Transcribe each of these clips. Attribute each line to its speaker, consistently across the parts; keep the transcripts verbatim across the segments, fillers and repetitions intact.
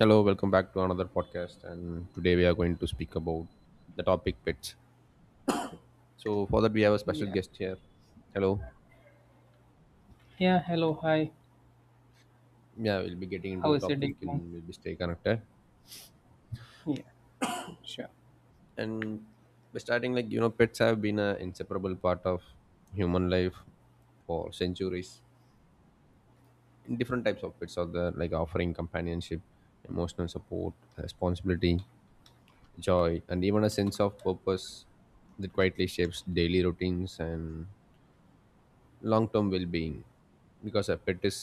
Speaker 1: Hello, welcome back to another podcast. And today we are going to speak about the topic pets. So for that we have a special
Speaker 2: Yeah.
Speaker 1: guest here. Hello.
Speaker 2: Yeah. Hello. Hi.
Speaker 1: Yeah, we'll be getting into
Speaker 2: How
Speaker 1: the
Speaker 2: is it
Speaker 1: topic
Speaker 2: going?
Speaker 1: and we'll be stay connected.
Speaker 2: Yeah. Sure.
Speaker 1: And we're starting like you know, pets have been an inseparable part of human life for centuries. In different types of pets are there, like offering companionship, emotional support, responsibility, joy, and even a sense of purpose that quietly shapes daily routines and long term well being, because a pet is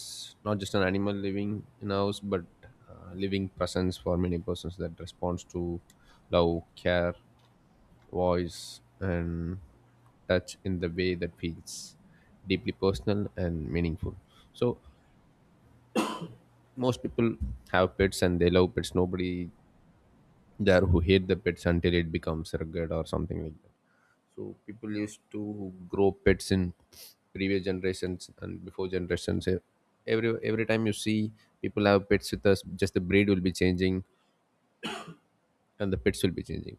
Speaker 1: not just an animal living in a house but uh, living presence for many persons that responds to love, care, voice, and touch in the way that feels deeply personal and meaningful. So, most people have pets and they love pets. Nobody there who hate the pets until it becomes rugged or something like that. So people used to grow pets in previous generations and before generations. E- Every every time you see people have pets with us, just the breed will be changing and the pets will be changing.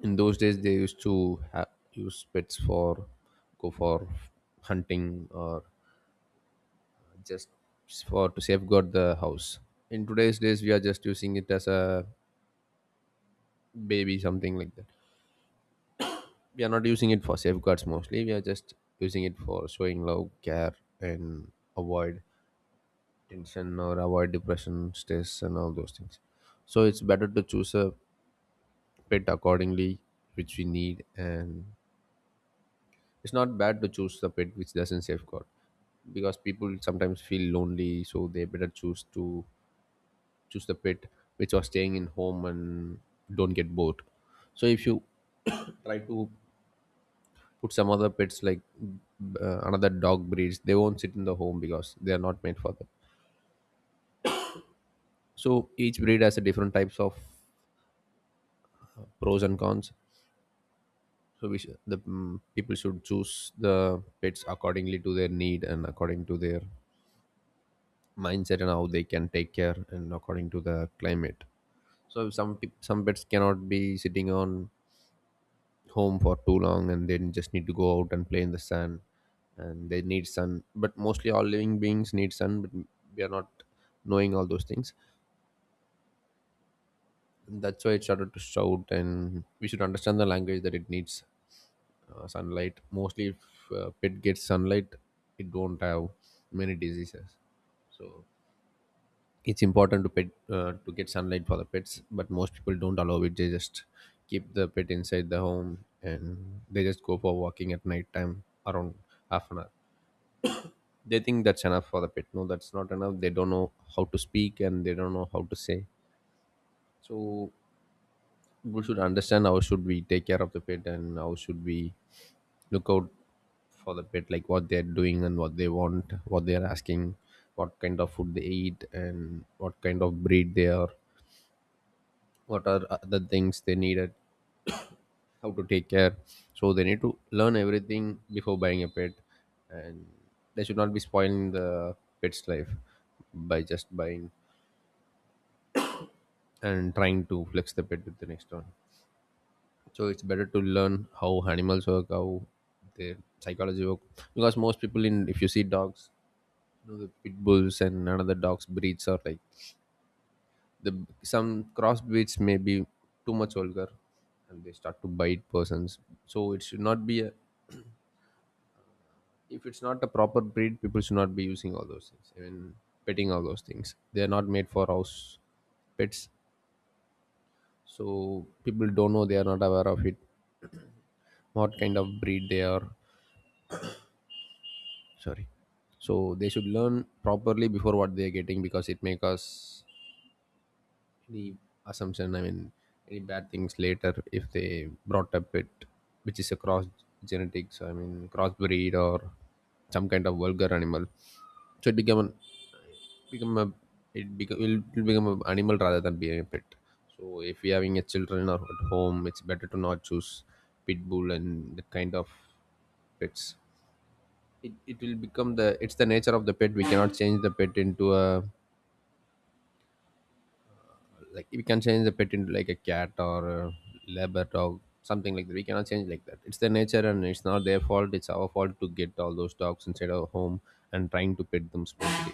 Speaker 1: In those days, they used to ha- use pets for go for hunting or just for to safeguard the house. In today's days, we are just using it as a baby, something like that. We are not using it for safeguards mostly. We are just using it for showing love, care, and avoid tension or avoid depression, stress, and all those things. So it's better to choose a pet accordingly, which we need. And it's not bad to choose the pet which doesn't safeguard, because people sometimes feel lonely, so they better choose to choose the pet which are staying in home and don't get bored. So if you try to put some other pets like uh, another dog breeds, they won't sit in the home because they are not made for them. So each breed has a different types of pros and cons. So we should, the mm, people should choose the pets accordingly to their need and according to their mindset and how they can take care and according to the climate. So some pe- some pets cannot be sitting on home for too long and then just need to go out and play in the sun, and they need sun, but mostly all living beings need sun. But we are not knowing all those things, and that's why it started to shout, and we should understand the language that it needs uh, sunlight mostly. If uh, pet gets sunlight, it don't have many diseases. So it's important to pet uh, to get sunlight for the pets, but most people don't allow it. They just keep the pet inside the home and they just go for walking at night time around half an hour. They think that's enough for the pet. No, that's not enough. They don't know how to speak and they don't know how to say. So we should understand how should we take care of the pet and how should we look out for the pet, like what they're doing and what they want, what they're asking, what kind of food they eat and what kind of breed they are, what are other things they needed, how to take care. So they need to learn everything before buying a pet. And they should not be spoiling the pet's life by just buying and trying to flex the pet with the next one. So it's better to learn how animals work, how their psychology work. Because most people, in if you see dogs, know the pit bulls and another dogs breeds are like, the some cross breeds may be too much vulgar and they start to bite persons. So it should not be a, if it's not a proper breed, people should not be using all those things, even petting all those things, they are not made for house pets. So people don't know, they are not aware of it what kind of breed they are. Sorry. So they should learn properly before what they are getting, because it may cause any assumption, I mean any bad things later if they brought up it, which is a cross genetics, I mean crossbreed or some kind of vulgar animal. So it become an, become a, it become will will become an animal rather than being a pet. So if you're having a children or at home, it's better to not choose pit bull and that kind of pets. It, it will become the, it's the nature of the pet. We cannot change the pet into a, like we can change the pet into like a cat or a labor dog, something like that. We cannot change like that. It's their nature and it's not their fault, it's our fault to get all those dogs inside our home and trying to pet them smoothly.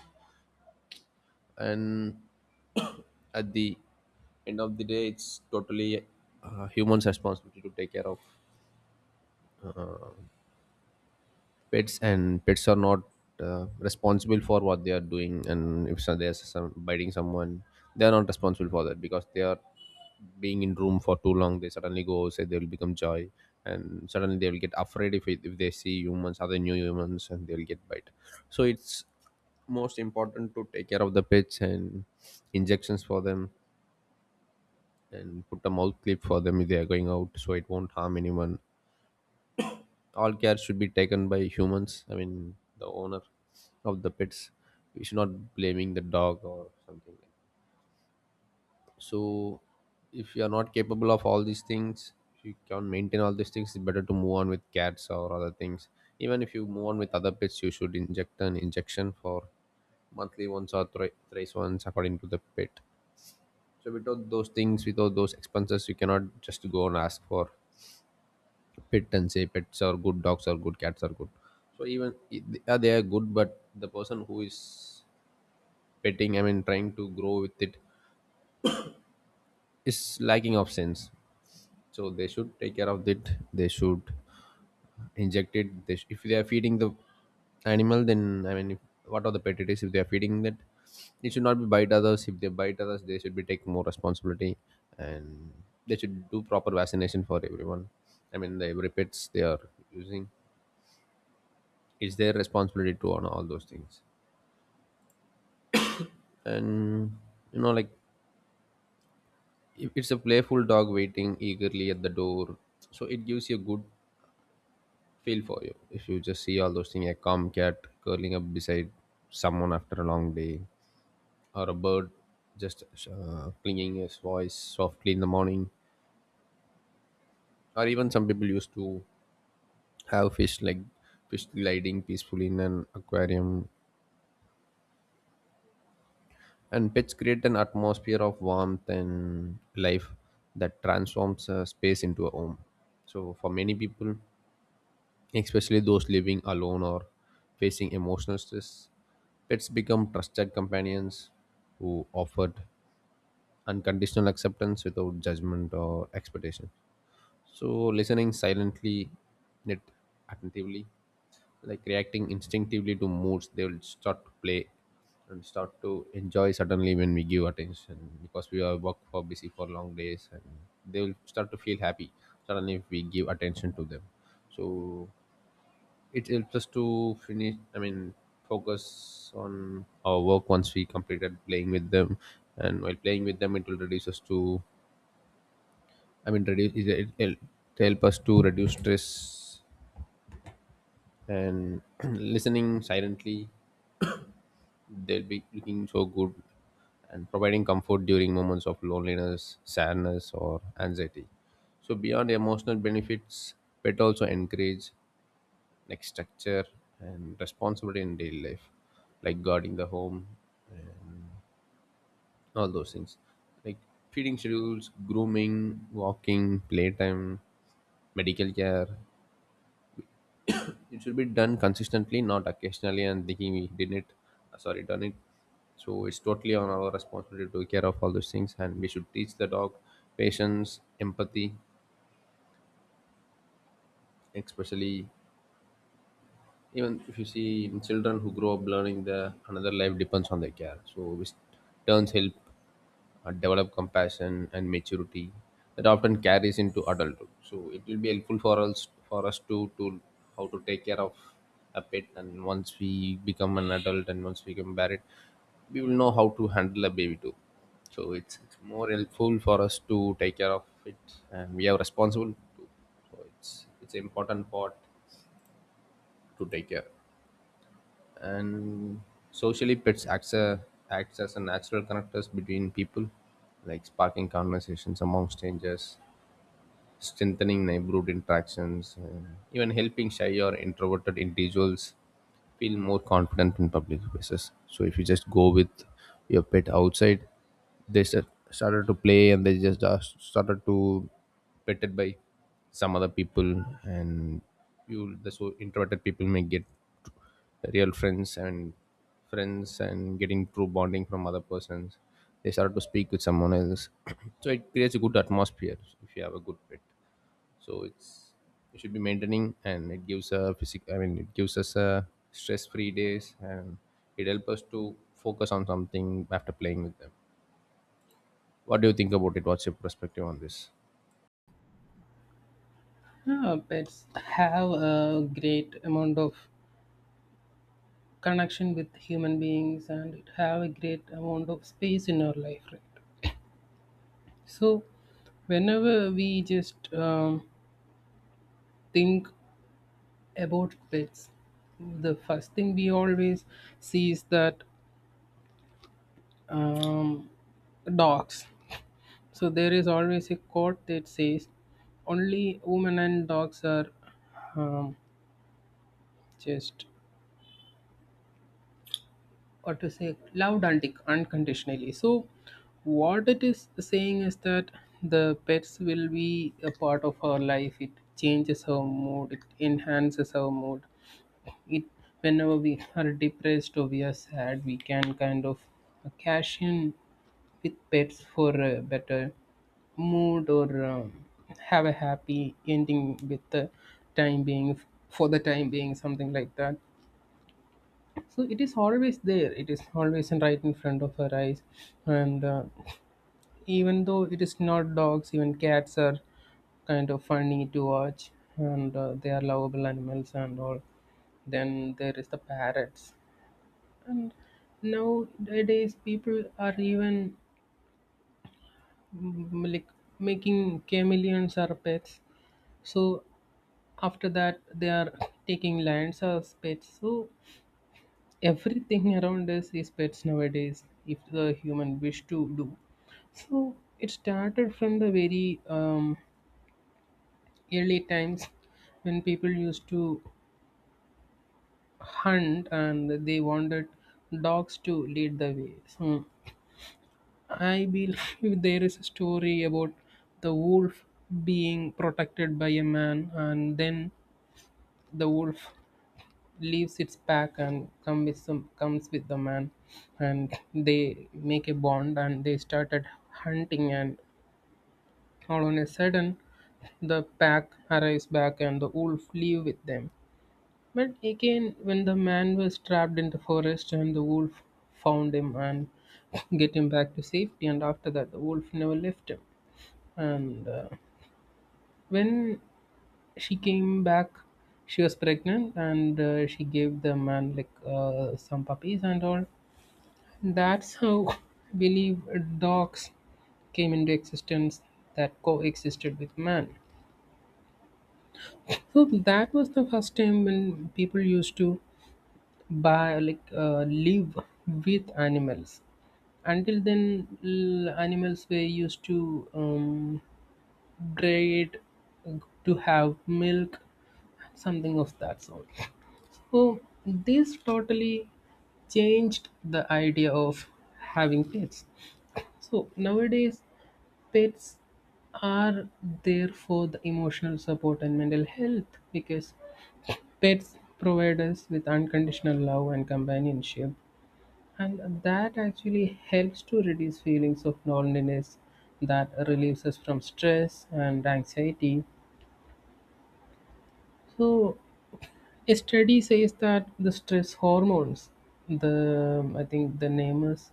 Speaker 1: And at the end of the day, it's totally uh, humans responsibility to take care of pets, and pets are not uh, responsible for what they are doing. And if so, they are some biting someone, they are not responsible for that, because they are being in room for too long, they suddenly go, say they will become joy and suddenly they will get afraid if, it, if they see humans, other new humans, and they will get bite. So it's most important to take care of the pets and injections for them, and put a mouth clip for them if they are going out, so it won't harm anyone. All care should be taken by humans, I mean the owner of the pets. We should not blaming the dog or something like that. So if you are not capable of all these things, if you can't maintain all these things, it's better to move on with cats or other things. Even if you move on with other pets, you should inject an injection for monthly once or thri- thrice once according to the pet. So without those things, without those expenses, you cannot just go and ask for pet and say pets are good, dogs are good, cats are good. So even i- they are they are good, but the person who is petting, I mean trying to grow with it, is lacking of sense. So they should take care of it. They should inject it. they sh- if they are feeding the animal, then I mean if, what are the pet it is, if they are feeding that, it should not be bite others. If they bite others, they should be taking more responsibility. And they should do proper vaccination for everyone, I mean the every pets they are using. It's their responsibility to honor all those things. And you know like it- it's a playful dog waiting eagerly at the door. So it gives you a good feel for you if you just see all those things. A calm cat curling up beside someone after a long day, or a bird just uh, clinging his voice softly in the morning, or even some people used to have fish, like fish gliding peacefully in an aquarium. And pets create an atmosphere of warmth and life that transforms a space into a home. So for many people, especially those living alone or facing emotional stress, pets become trusted companions who offered unconditional acceptance without judgment or expectation. So listening silently yet attentively, like reacting instinctively to moods, they will start to play and start to enjoy suddenly when we give attention, because we are work for busy for long days. And they will start to feel happy suddenly if we give attention to them. So it helps us to finish, I mean focus on our work once we completed playing with them. And while playing with them it will reduce us to, I mean reduce, it will help to help us to reduce stress. And listening silently, they'll be looking so good and providing comfort during moments of loneliness, sadness, or anxiety. So, beyond emotional benefits, pet also encourage like structure and responsibility in daily life, like guarding the home, all those things, like feeding schedules, grooming, walking, playtime, medical care. It should be done consistently not occasionally, and thinking we didn't it, uh, sorry, done it. So it's totally on our responsibility to take care of all those things, and we should teach the dog patience, empathy, especially even if you see in children who grow up learning the another life depends on their care, so which turns help uh, develop compassion and maturity that often carries into adulthood. So it will be helpful for us, for us to to how to take care of a pet, and once we become an adult and once we become married, we will know how to handle a baby too. So it's it's more helpful for us to take care of it, and we are responsible too. So it's it's an important part to take care and socially pets acts, a, acts as a natural connectors between people, like sparking conversations among strangers, strengthening neighborhood interactions, and even helping shy or introverted individuals feel more confident in public spaces. So if you just go with your pet outside, they start, started to play, and they just uh, started to petted by some other people, and you the so introverted people may get real friends and friends and getting true bonding from other persons. They start to speak with someone else. So it creates a good atmosphere if you have a good pet. So it's, we should be maintaining, and it gives a physic I mean it gives us a stress free days, and it helps us to focus on something after playing with them. What do you think about it? What's your perspective on this?
Speaker 2: Uh, pets have a great amount of connection with human beings, and it have a great amount of space in our life, right? So, whenever we just um, think about pets, the first thing we always see is that um, dogs. So there is always a quote that says, "Only women and dogs are um, just, or to say, loved untic- unconditionally." So what it is saying is that the pets will be a part of our life. It changes our mood, it enhances our mood. It whenever we are depressed or we are sad, we can kind of cash in with pets for a better mood, or um, have a happy ending with the time being for the time being something like that. So it is always there, it is always in- right in front of her eyes. And uh, even though it is not dogs, even cats are kind of funny to watch, and uh, they are lovable animals and all. Then there is the parrots. And nowadays people are even mm, like, making chameleons are pets. So after that they are taking lions as pets. So everything around us is pets nowadays, if the human wish to do so. It started from the very um, early times, when people used to hunt and they wanted dogs to lead the way. So I believe there is a story about the wolf being protected by a man, and then the wolf leaves its pack and come with some comes with the man, and they make a bond and they started hunting. And all on a sudden the pack arrives back and the wolf leave with them. But again, when the man was trapped in the forest, and the wolf found him and get him back to safety, and after that the wolf never left him. And uh, when she came back, she was pregnant, and uh, she gave the man like uh, some puppies and all. That's how I believe dogs came into existence, that coexisted with man. So that was the first time when people used to buy, like uh, live with animals. Until then, l- animals were used to um, breed, to have milk, something of that sort. Oh, this totally changed the idea of having pets. So nowadays, pets are there for the emotional support and mental health, because pets provide us with unconditional love and companionship, and that actually helps to reduce feelings of loneliness, that relieves us from stress and anxiety. So a study says that the stress hormones, the, I think the name is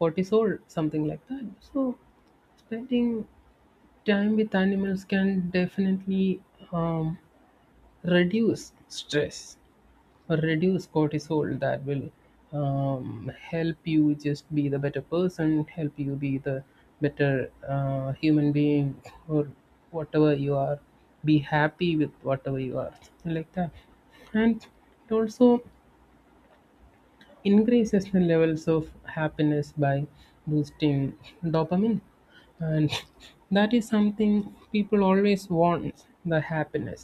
Speaker 2: cortisol, something like that. So spending time with animals can definitely um, reduce stress, reduce cortisol, that will um, help you just be the better person, help you be the better uh, human being, or whatever you are, be happy with whatever you are, like that. And it also increases the levels of happiness by boosting dopamine. And that is something people always want, the happiness,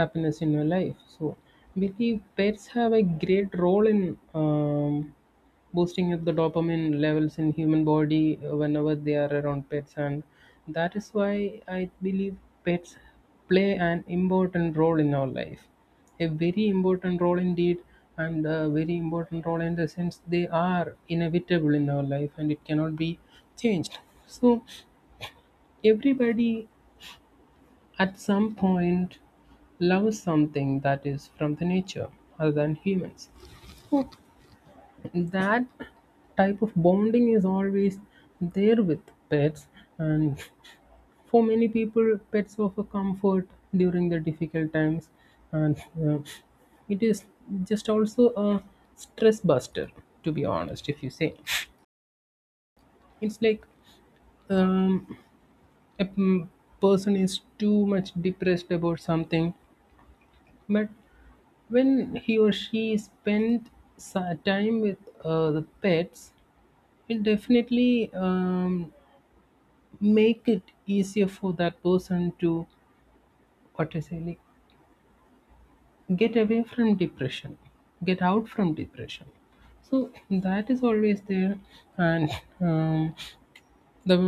Speaker 2: happiness in your life. So, believe pets have a great role in um, boosting up the dopamine levels in human body uh, whenever they are around pets. And that is why I believe pets play an important role in our life, a very important role indeed. And a very important role in the sense they are inevitable in our life, and it cannot be changed. So everybody at some point loves something that is from the nature, other than humans. That type of bonding is always there with pets. And for many people, pets offer comfort during the difficult times. And uh, it is just also a stress buster, to be honest. If you say, it's like, um, a p- person is too much depressed about something, but when he or she spend sa- time with uh, the pets, it definitely um, make it easier for that person to, what to say, like, get away from depression, get out from depression. So that is always there. And um, the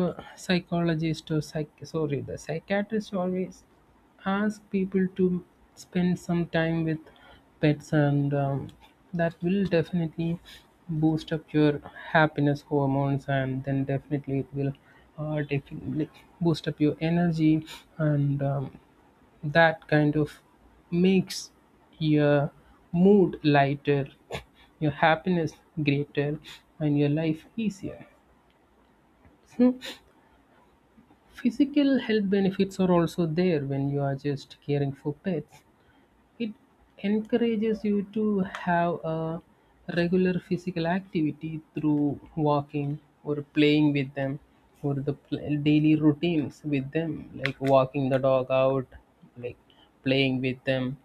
Speaker 2: psychologist or psych sorry the psychiatrist always ask people to spend some time with pets, and um, that will definitely boost up your happiness hormones, and then definitely it will uh, definitely boost up your energy. And um, that kind of makes your mood lighter, your happiness greater, and your life easier. So, physical health benefits are also there when you are just caring for pets. It encourages you to have a regular physical activity through walking or playing with them, or the pl- daily routines with them, like walking the dog out, like playing with them,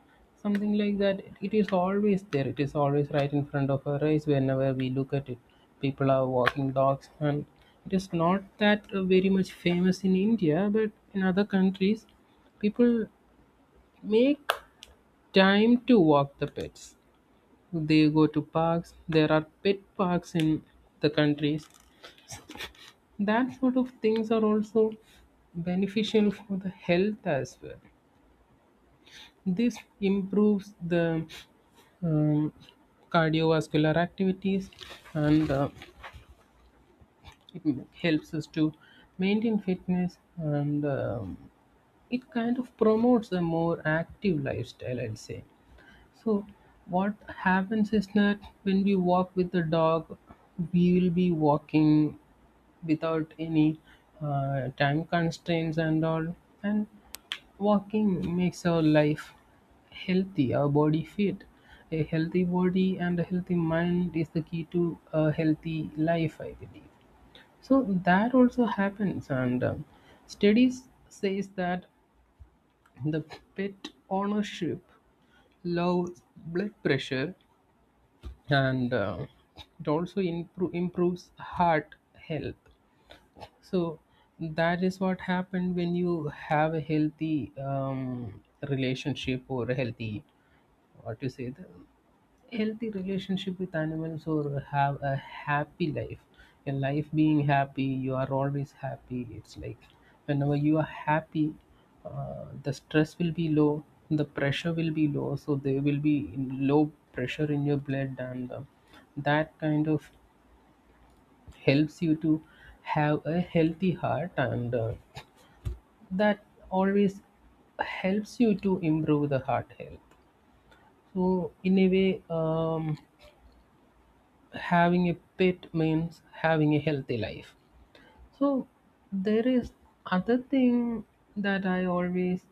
Speaker 2: something like that. It is always there, it is always right in front of our eyes whenever we look at it. People are walking dogs, and it is not that uh, very much famous in India, but in other countries, people make time to walk the pets. They go to parks. There are pet parks in the countries. That sort of things are also beneficial for the health as well. This improves the um, cardiovascular activities, and uh, it helps us to maintain fitness, and um, it kind of promotes a more active lifestyle, I'd say. So what happens is that when we walk with the dog, we will be walking without any uh, time constraints and all. And walking makes our life healthy, our body fit. A healthy body and a healthy mind is the key to a healthy life, I believe. So that also happens, and um, studies says that the pet ownership lows blood pressure, and uh, it also improve, improves heart health. So that is what happened when you have a healthy um, relationship, or a healthy, what you say, the healthy relationship with animals, or have a happy life. A life being happy, you are always happy. It's like, whenever you are happy, uh, the stress will be low, the pressure will be low, so there will be low pressure in your blood. And uh, that kind of helps you to have a healthy heart. And uh, that always helps you to improve the heart health. So in a way, um, having a pet means having a healthy life. So there is other thing that I always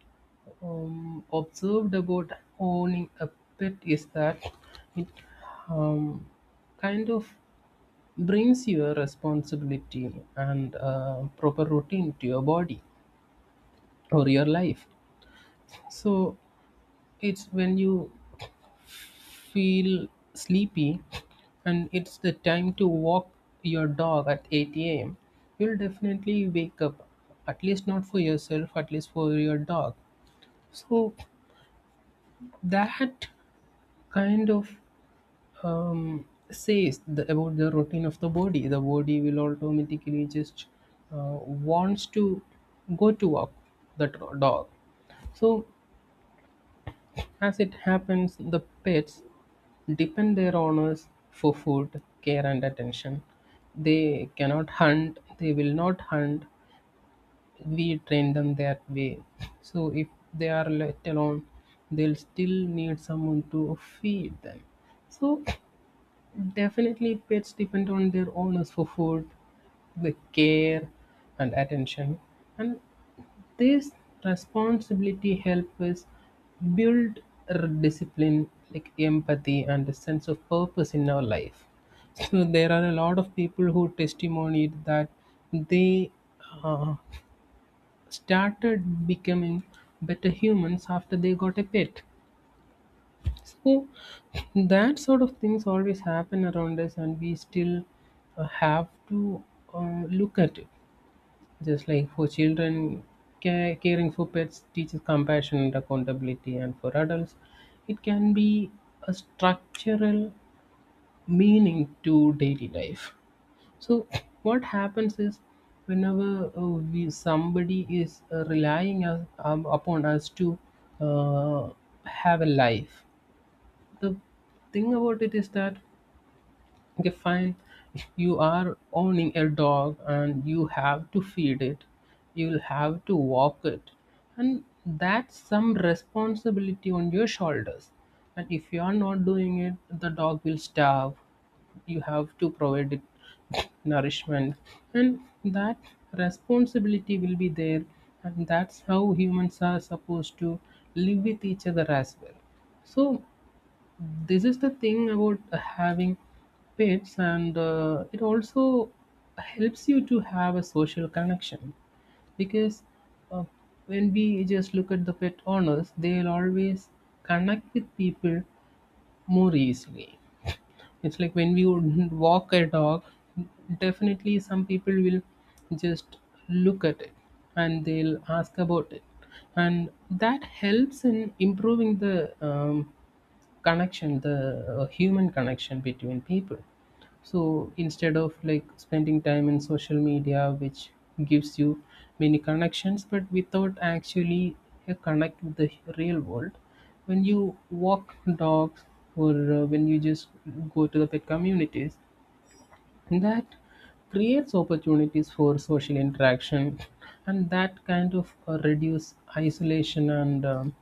Speaker 2: um, observed about owning a pet, is that it um, kind of brings your responsibility and uh, proper routine to your body or your life. So it's when you feel sleepy and it's the time to walk your dog at eight a m, you'll definitely wake up. At least not for yourself, at least for your dog. So that kind of um, says the, about the routine of the body. The body will automatically just uh, wants to go to walk the dog. So, as it happens, the pets depend their owners for food, care, and attention. They cannot hunt, they will not hunt. We train them that way. So, if they are left alone, they'll still need someone to feed them. So, definitely, pets depend on their owners for food, the care, and attention. And this responsibility helps us build r- discipline, like empathy and a sense of purpose in our life. So there are a lot of people who testimonied that they uh, started becoming better humans after they got a pet. So that sort of things always happen around us, and we still uh, have to uh, look at it. Just like for children, ca- caring for pets teaches compassion and accountability, and for adults, it can be a structural meaning to daily life. So, what happens is, whenever uh, we, somebody is uh, relying us, um, upon us to uh, have a life, the thing about it is that, okay, fine. If you are owning a dog and you have to feed it, you'll have to walk it. And that's some responsibility on your shoulders. And if you are not doing it, the dog will starve. You have to provide it nourishment. And that responsibility will be there. And that's how humans are supposed to live with each other as well. So this is the thing about uh, having pets. And uh, it also helps you to have a social connection, because uh, when we just look at the pet owners, they'll always connect with people more easily. It's like, when we would walk a dog, definitely some people will just look at it, and they'll ask about it. And that helps in improving the um, connection, the uh, human connection between people. So instead of like spending time in social media, which gives you many connections but without actually a connect with the real world, when you walk dogs, or uh, when you just go to the pet communities, and that creates opportunities for social interaction, and that kind of uh, reduce isolation. And um,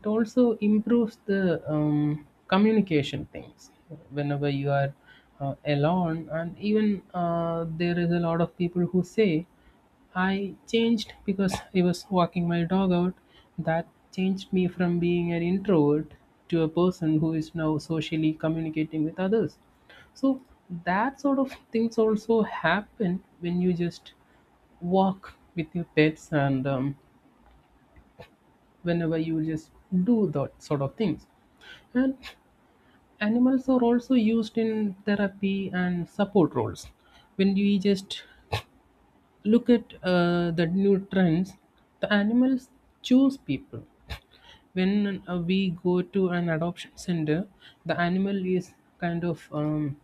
Speaker 2: it also improves the um, communication things whenever you are uh, alone. And even uh, there is a lot of people who say, "I changed because I was walking my dog out. That changed me from being an introvert to a person who is now socially communicating with others." So that sort of things also happen when you just walk with your pets, and um, whenever you just do that sort of things. And animals are also used in therapy and support roles. When you just look at uh, the new trends, the animals choose people. When uh, we go to an adoption center, the animal is kind of um,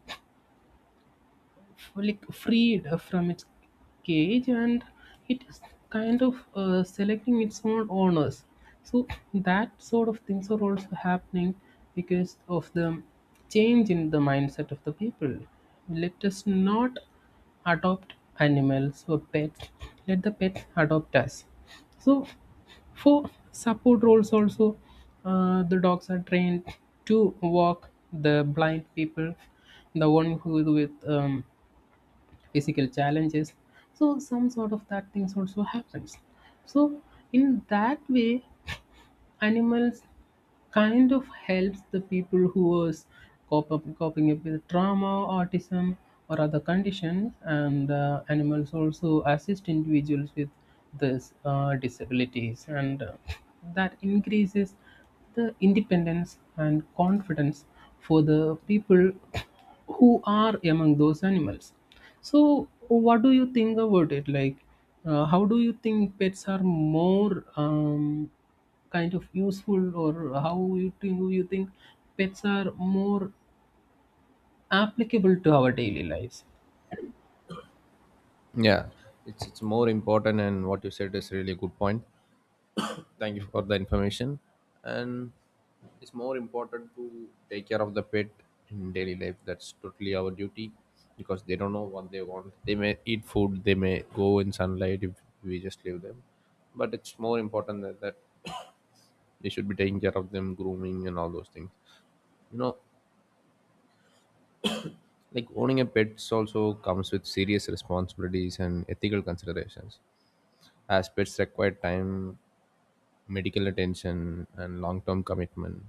Speaker 2: like freed from its cage, and it is kind of uh, selecting its own owners. So that sort of things are also happening because of the change in the mindset of the people. Let us not adopt animals or pets, let the pets adopt us. So for support roles also, uh, the dogs are trained to walk the blind people, the one who is with um, physical challenges. So some sort of that things also happens. So in that way, animals kind of helps the people who was cop up, coping up with trauma, autism, or other conditions. And uh, animals also assist individuals with these uh, disabilities, and uh, that increases the independence and confidence for the people who are among those animals. So, what do you think about it? Like, uh, how do you think pets are more um, kind of useful, or how you think you think pets are more applicable to our daily lives?
Speaker 1: Yeah, it's it's more important, and what you said is really a good point. Thank you for the information. And it's more important to take care of the pet in daily life. That's totally our duty, because they don't know what they want. They may eat food, they may go in sunlight if we just leave them. But it's more important that, that they should be taking care of them, grooming and all those things, you know. Like, owning a pet also comes with serious responsibilities and ethical considerations, as pets require time, medical attention, and long-term commitment.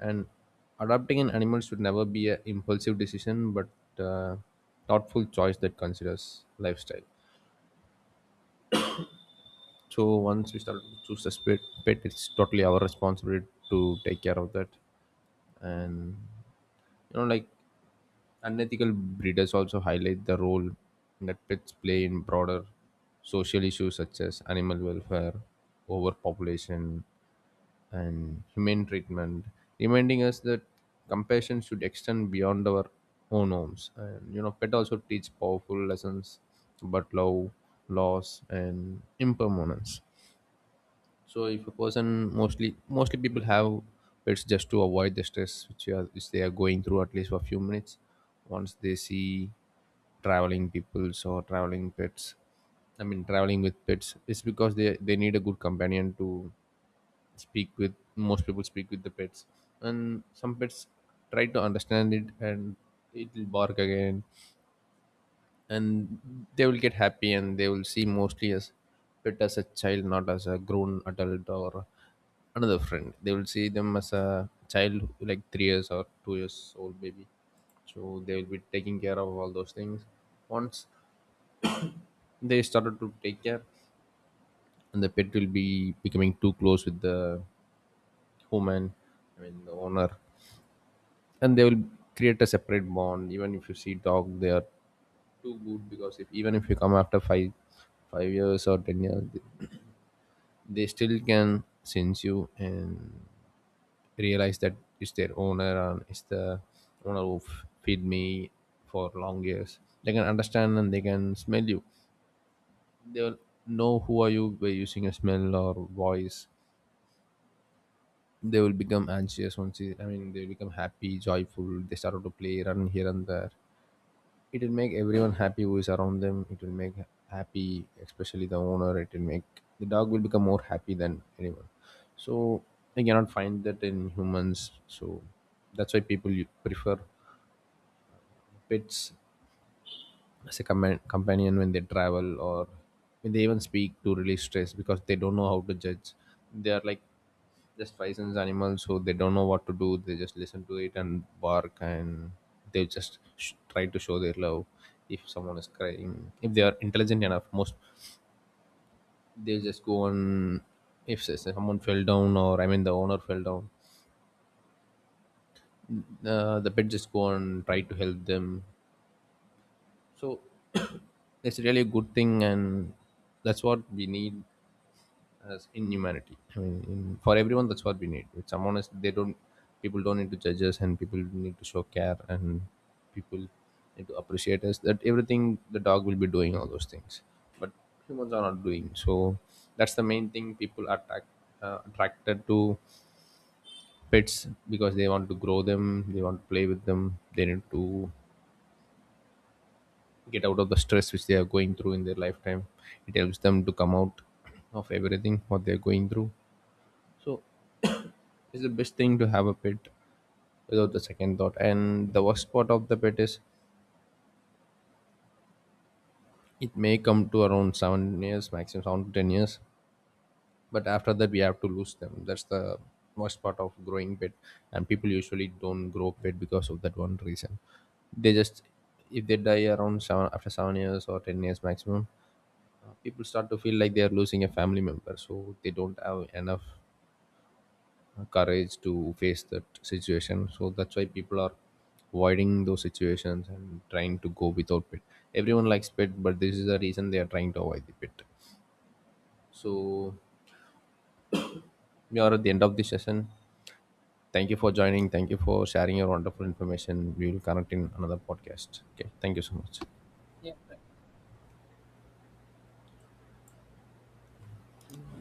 Speaker 1: And adopting an animal should never be an impulsive decision, but uh, thoughtful choice that considers lifestyle. So once we start to choose a pet, pet it's totally our responsibility to take care of that. And you know, like, unethical breeders also highlight the role that pets play in broader social issues such as animal welfare, overpopulation, and humane treatment, reminding us that compassion should extend beyond our own homes. And you know, pet also teach powerful lessons about love, loss, and impermanence. So, if a person, mostly mostly people have pets just to avoid the stress which, are, which they are going through, at least for a few minutes. Once they see traveling peoples or traveling pets, I mean traveling with pets, it's because they they need a good companion to speak with. Most people speak with the pets, and some pets try to understand it, and it will bark again, and they will get happy. And they will see mostly as pet as a child, not as a grown adult or another friend. They will see them as a child, like three years or two years old baby. So they will be taking care of all those things once they started to take care, and the pet will be becoming too close with the human, I mean the owner. And they will create a separate bond. Even if you see dog, they are too good, because if even if you come after five five years or ten years, they, they still can sense you and realize that it's their owner, and it's the owner who f- feed me for long years. They can understand, and they can smell you. They will know who are you by using a smell or voice. They will become anxious once you, I mean they will become happy, joyful. They started to play, run here and there. It'll make everyone happy who is around them. It will make happy, especially the owner. It will make the dog will become more happy than anyone. So I cannot find that in humans. So that's why people u- prefer pets as a compa- companion when they travel, or when they even speak to release stress, because they don't know how to judge. They are like just licensed animals, so they don't know what to do. They just listen to it and bark, and they just sh- try to show their love. If someone is crying, if they are intelligent enough, most they just go on. If s- someone fell down, or I mean the owner fell down, uh, the pet just go and try to help them. So it's really a good thing, and that's what we need as inhumanity. I mean, in, for everyone, that's what we need. With someone is, they don't, people don't need to judge us, and people need to show care, and people need to appreciate us. That everything the dog will be doing all those things, but humans are not doing. So that's the main thing. People are attract, uh, attracted to pets because they want to grow them, they want to play with them, they need to get out of the stress which they are going through in their lifetime. It helps them to come out of everything what they're going through. So it's the best thing to have a pet without the second thought. And the worst part of the pet is, it may come to around seven years, maximum seven to ten years, but after that we have to lose them. That's the worst part of growing pet, and people usually don't grow pet because of that one reason. They just, if they die around seven, after seven years or ten years maximum, uh, people start to feel like they are losing a family member, so they don't have enough courage to face that situation. So that's why people are avoiding those situations and trying to go without pet. Everyone likes pet, but this is the reason they are trying to avoid the pet. So we are at the end of this session. Thank you for joining, thank you for sharing your wonderful information. We will connect in another podcast. Okay, thank you so much.
Speaker 2: Yeah.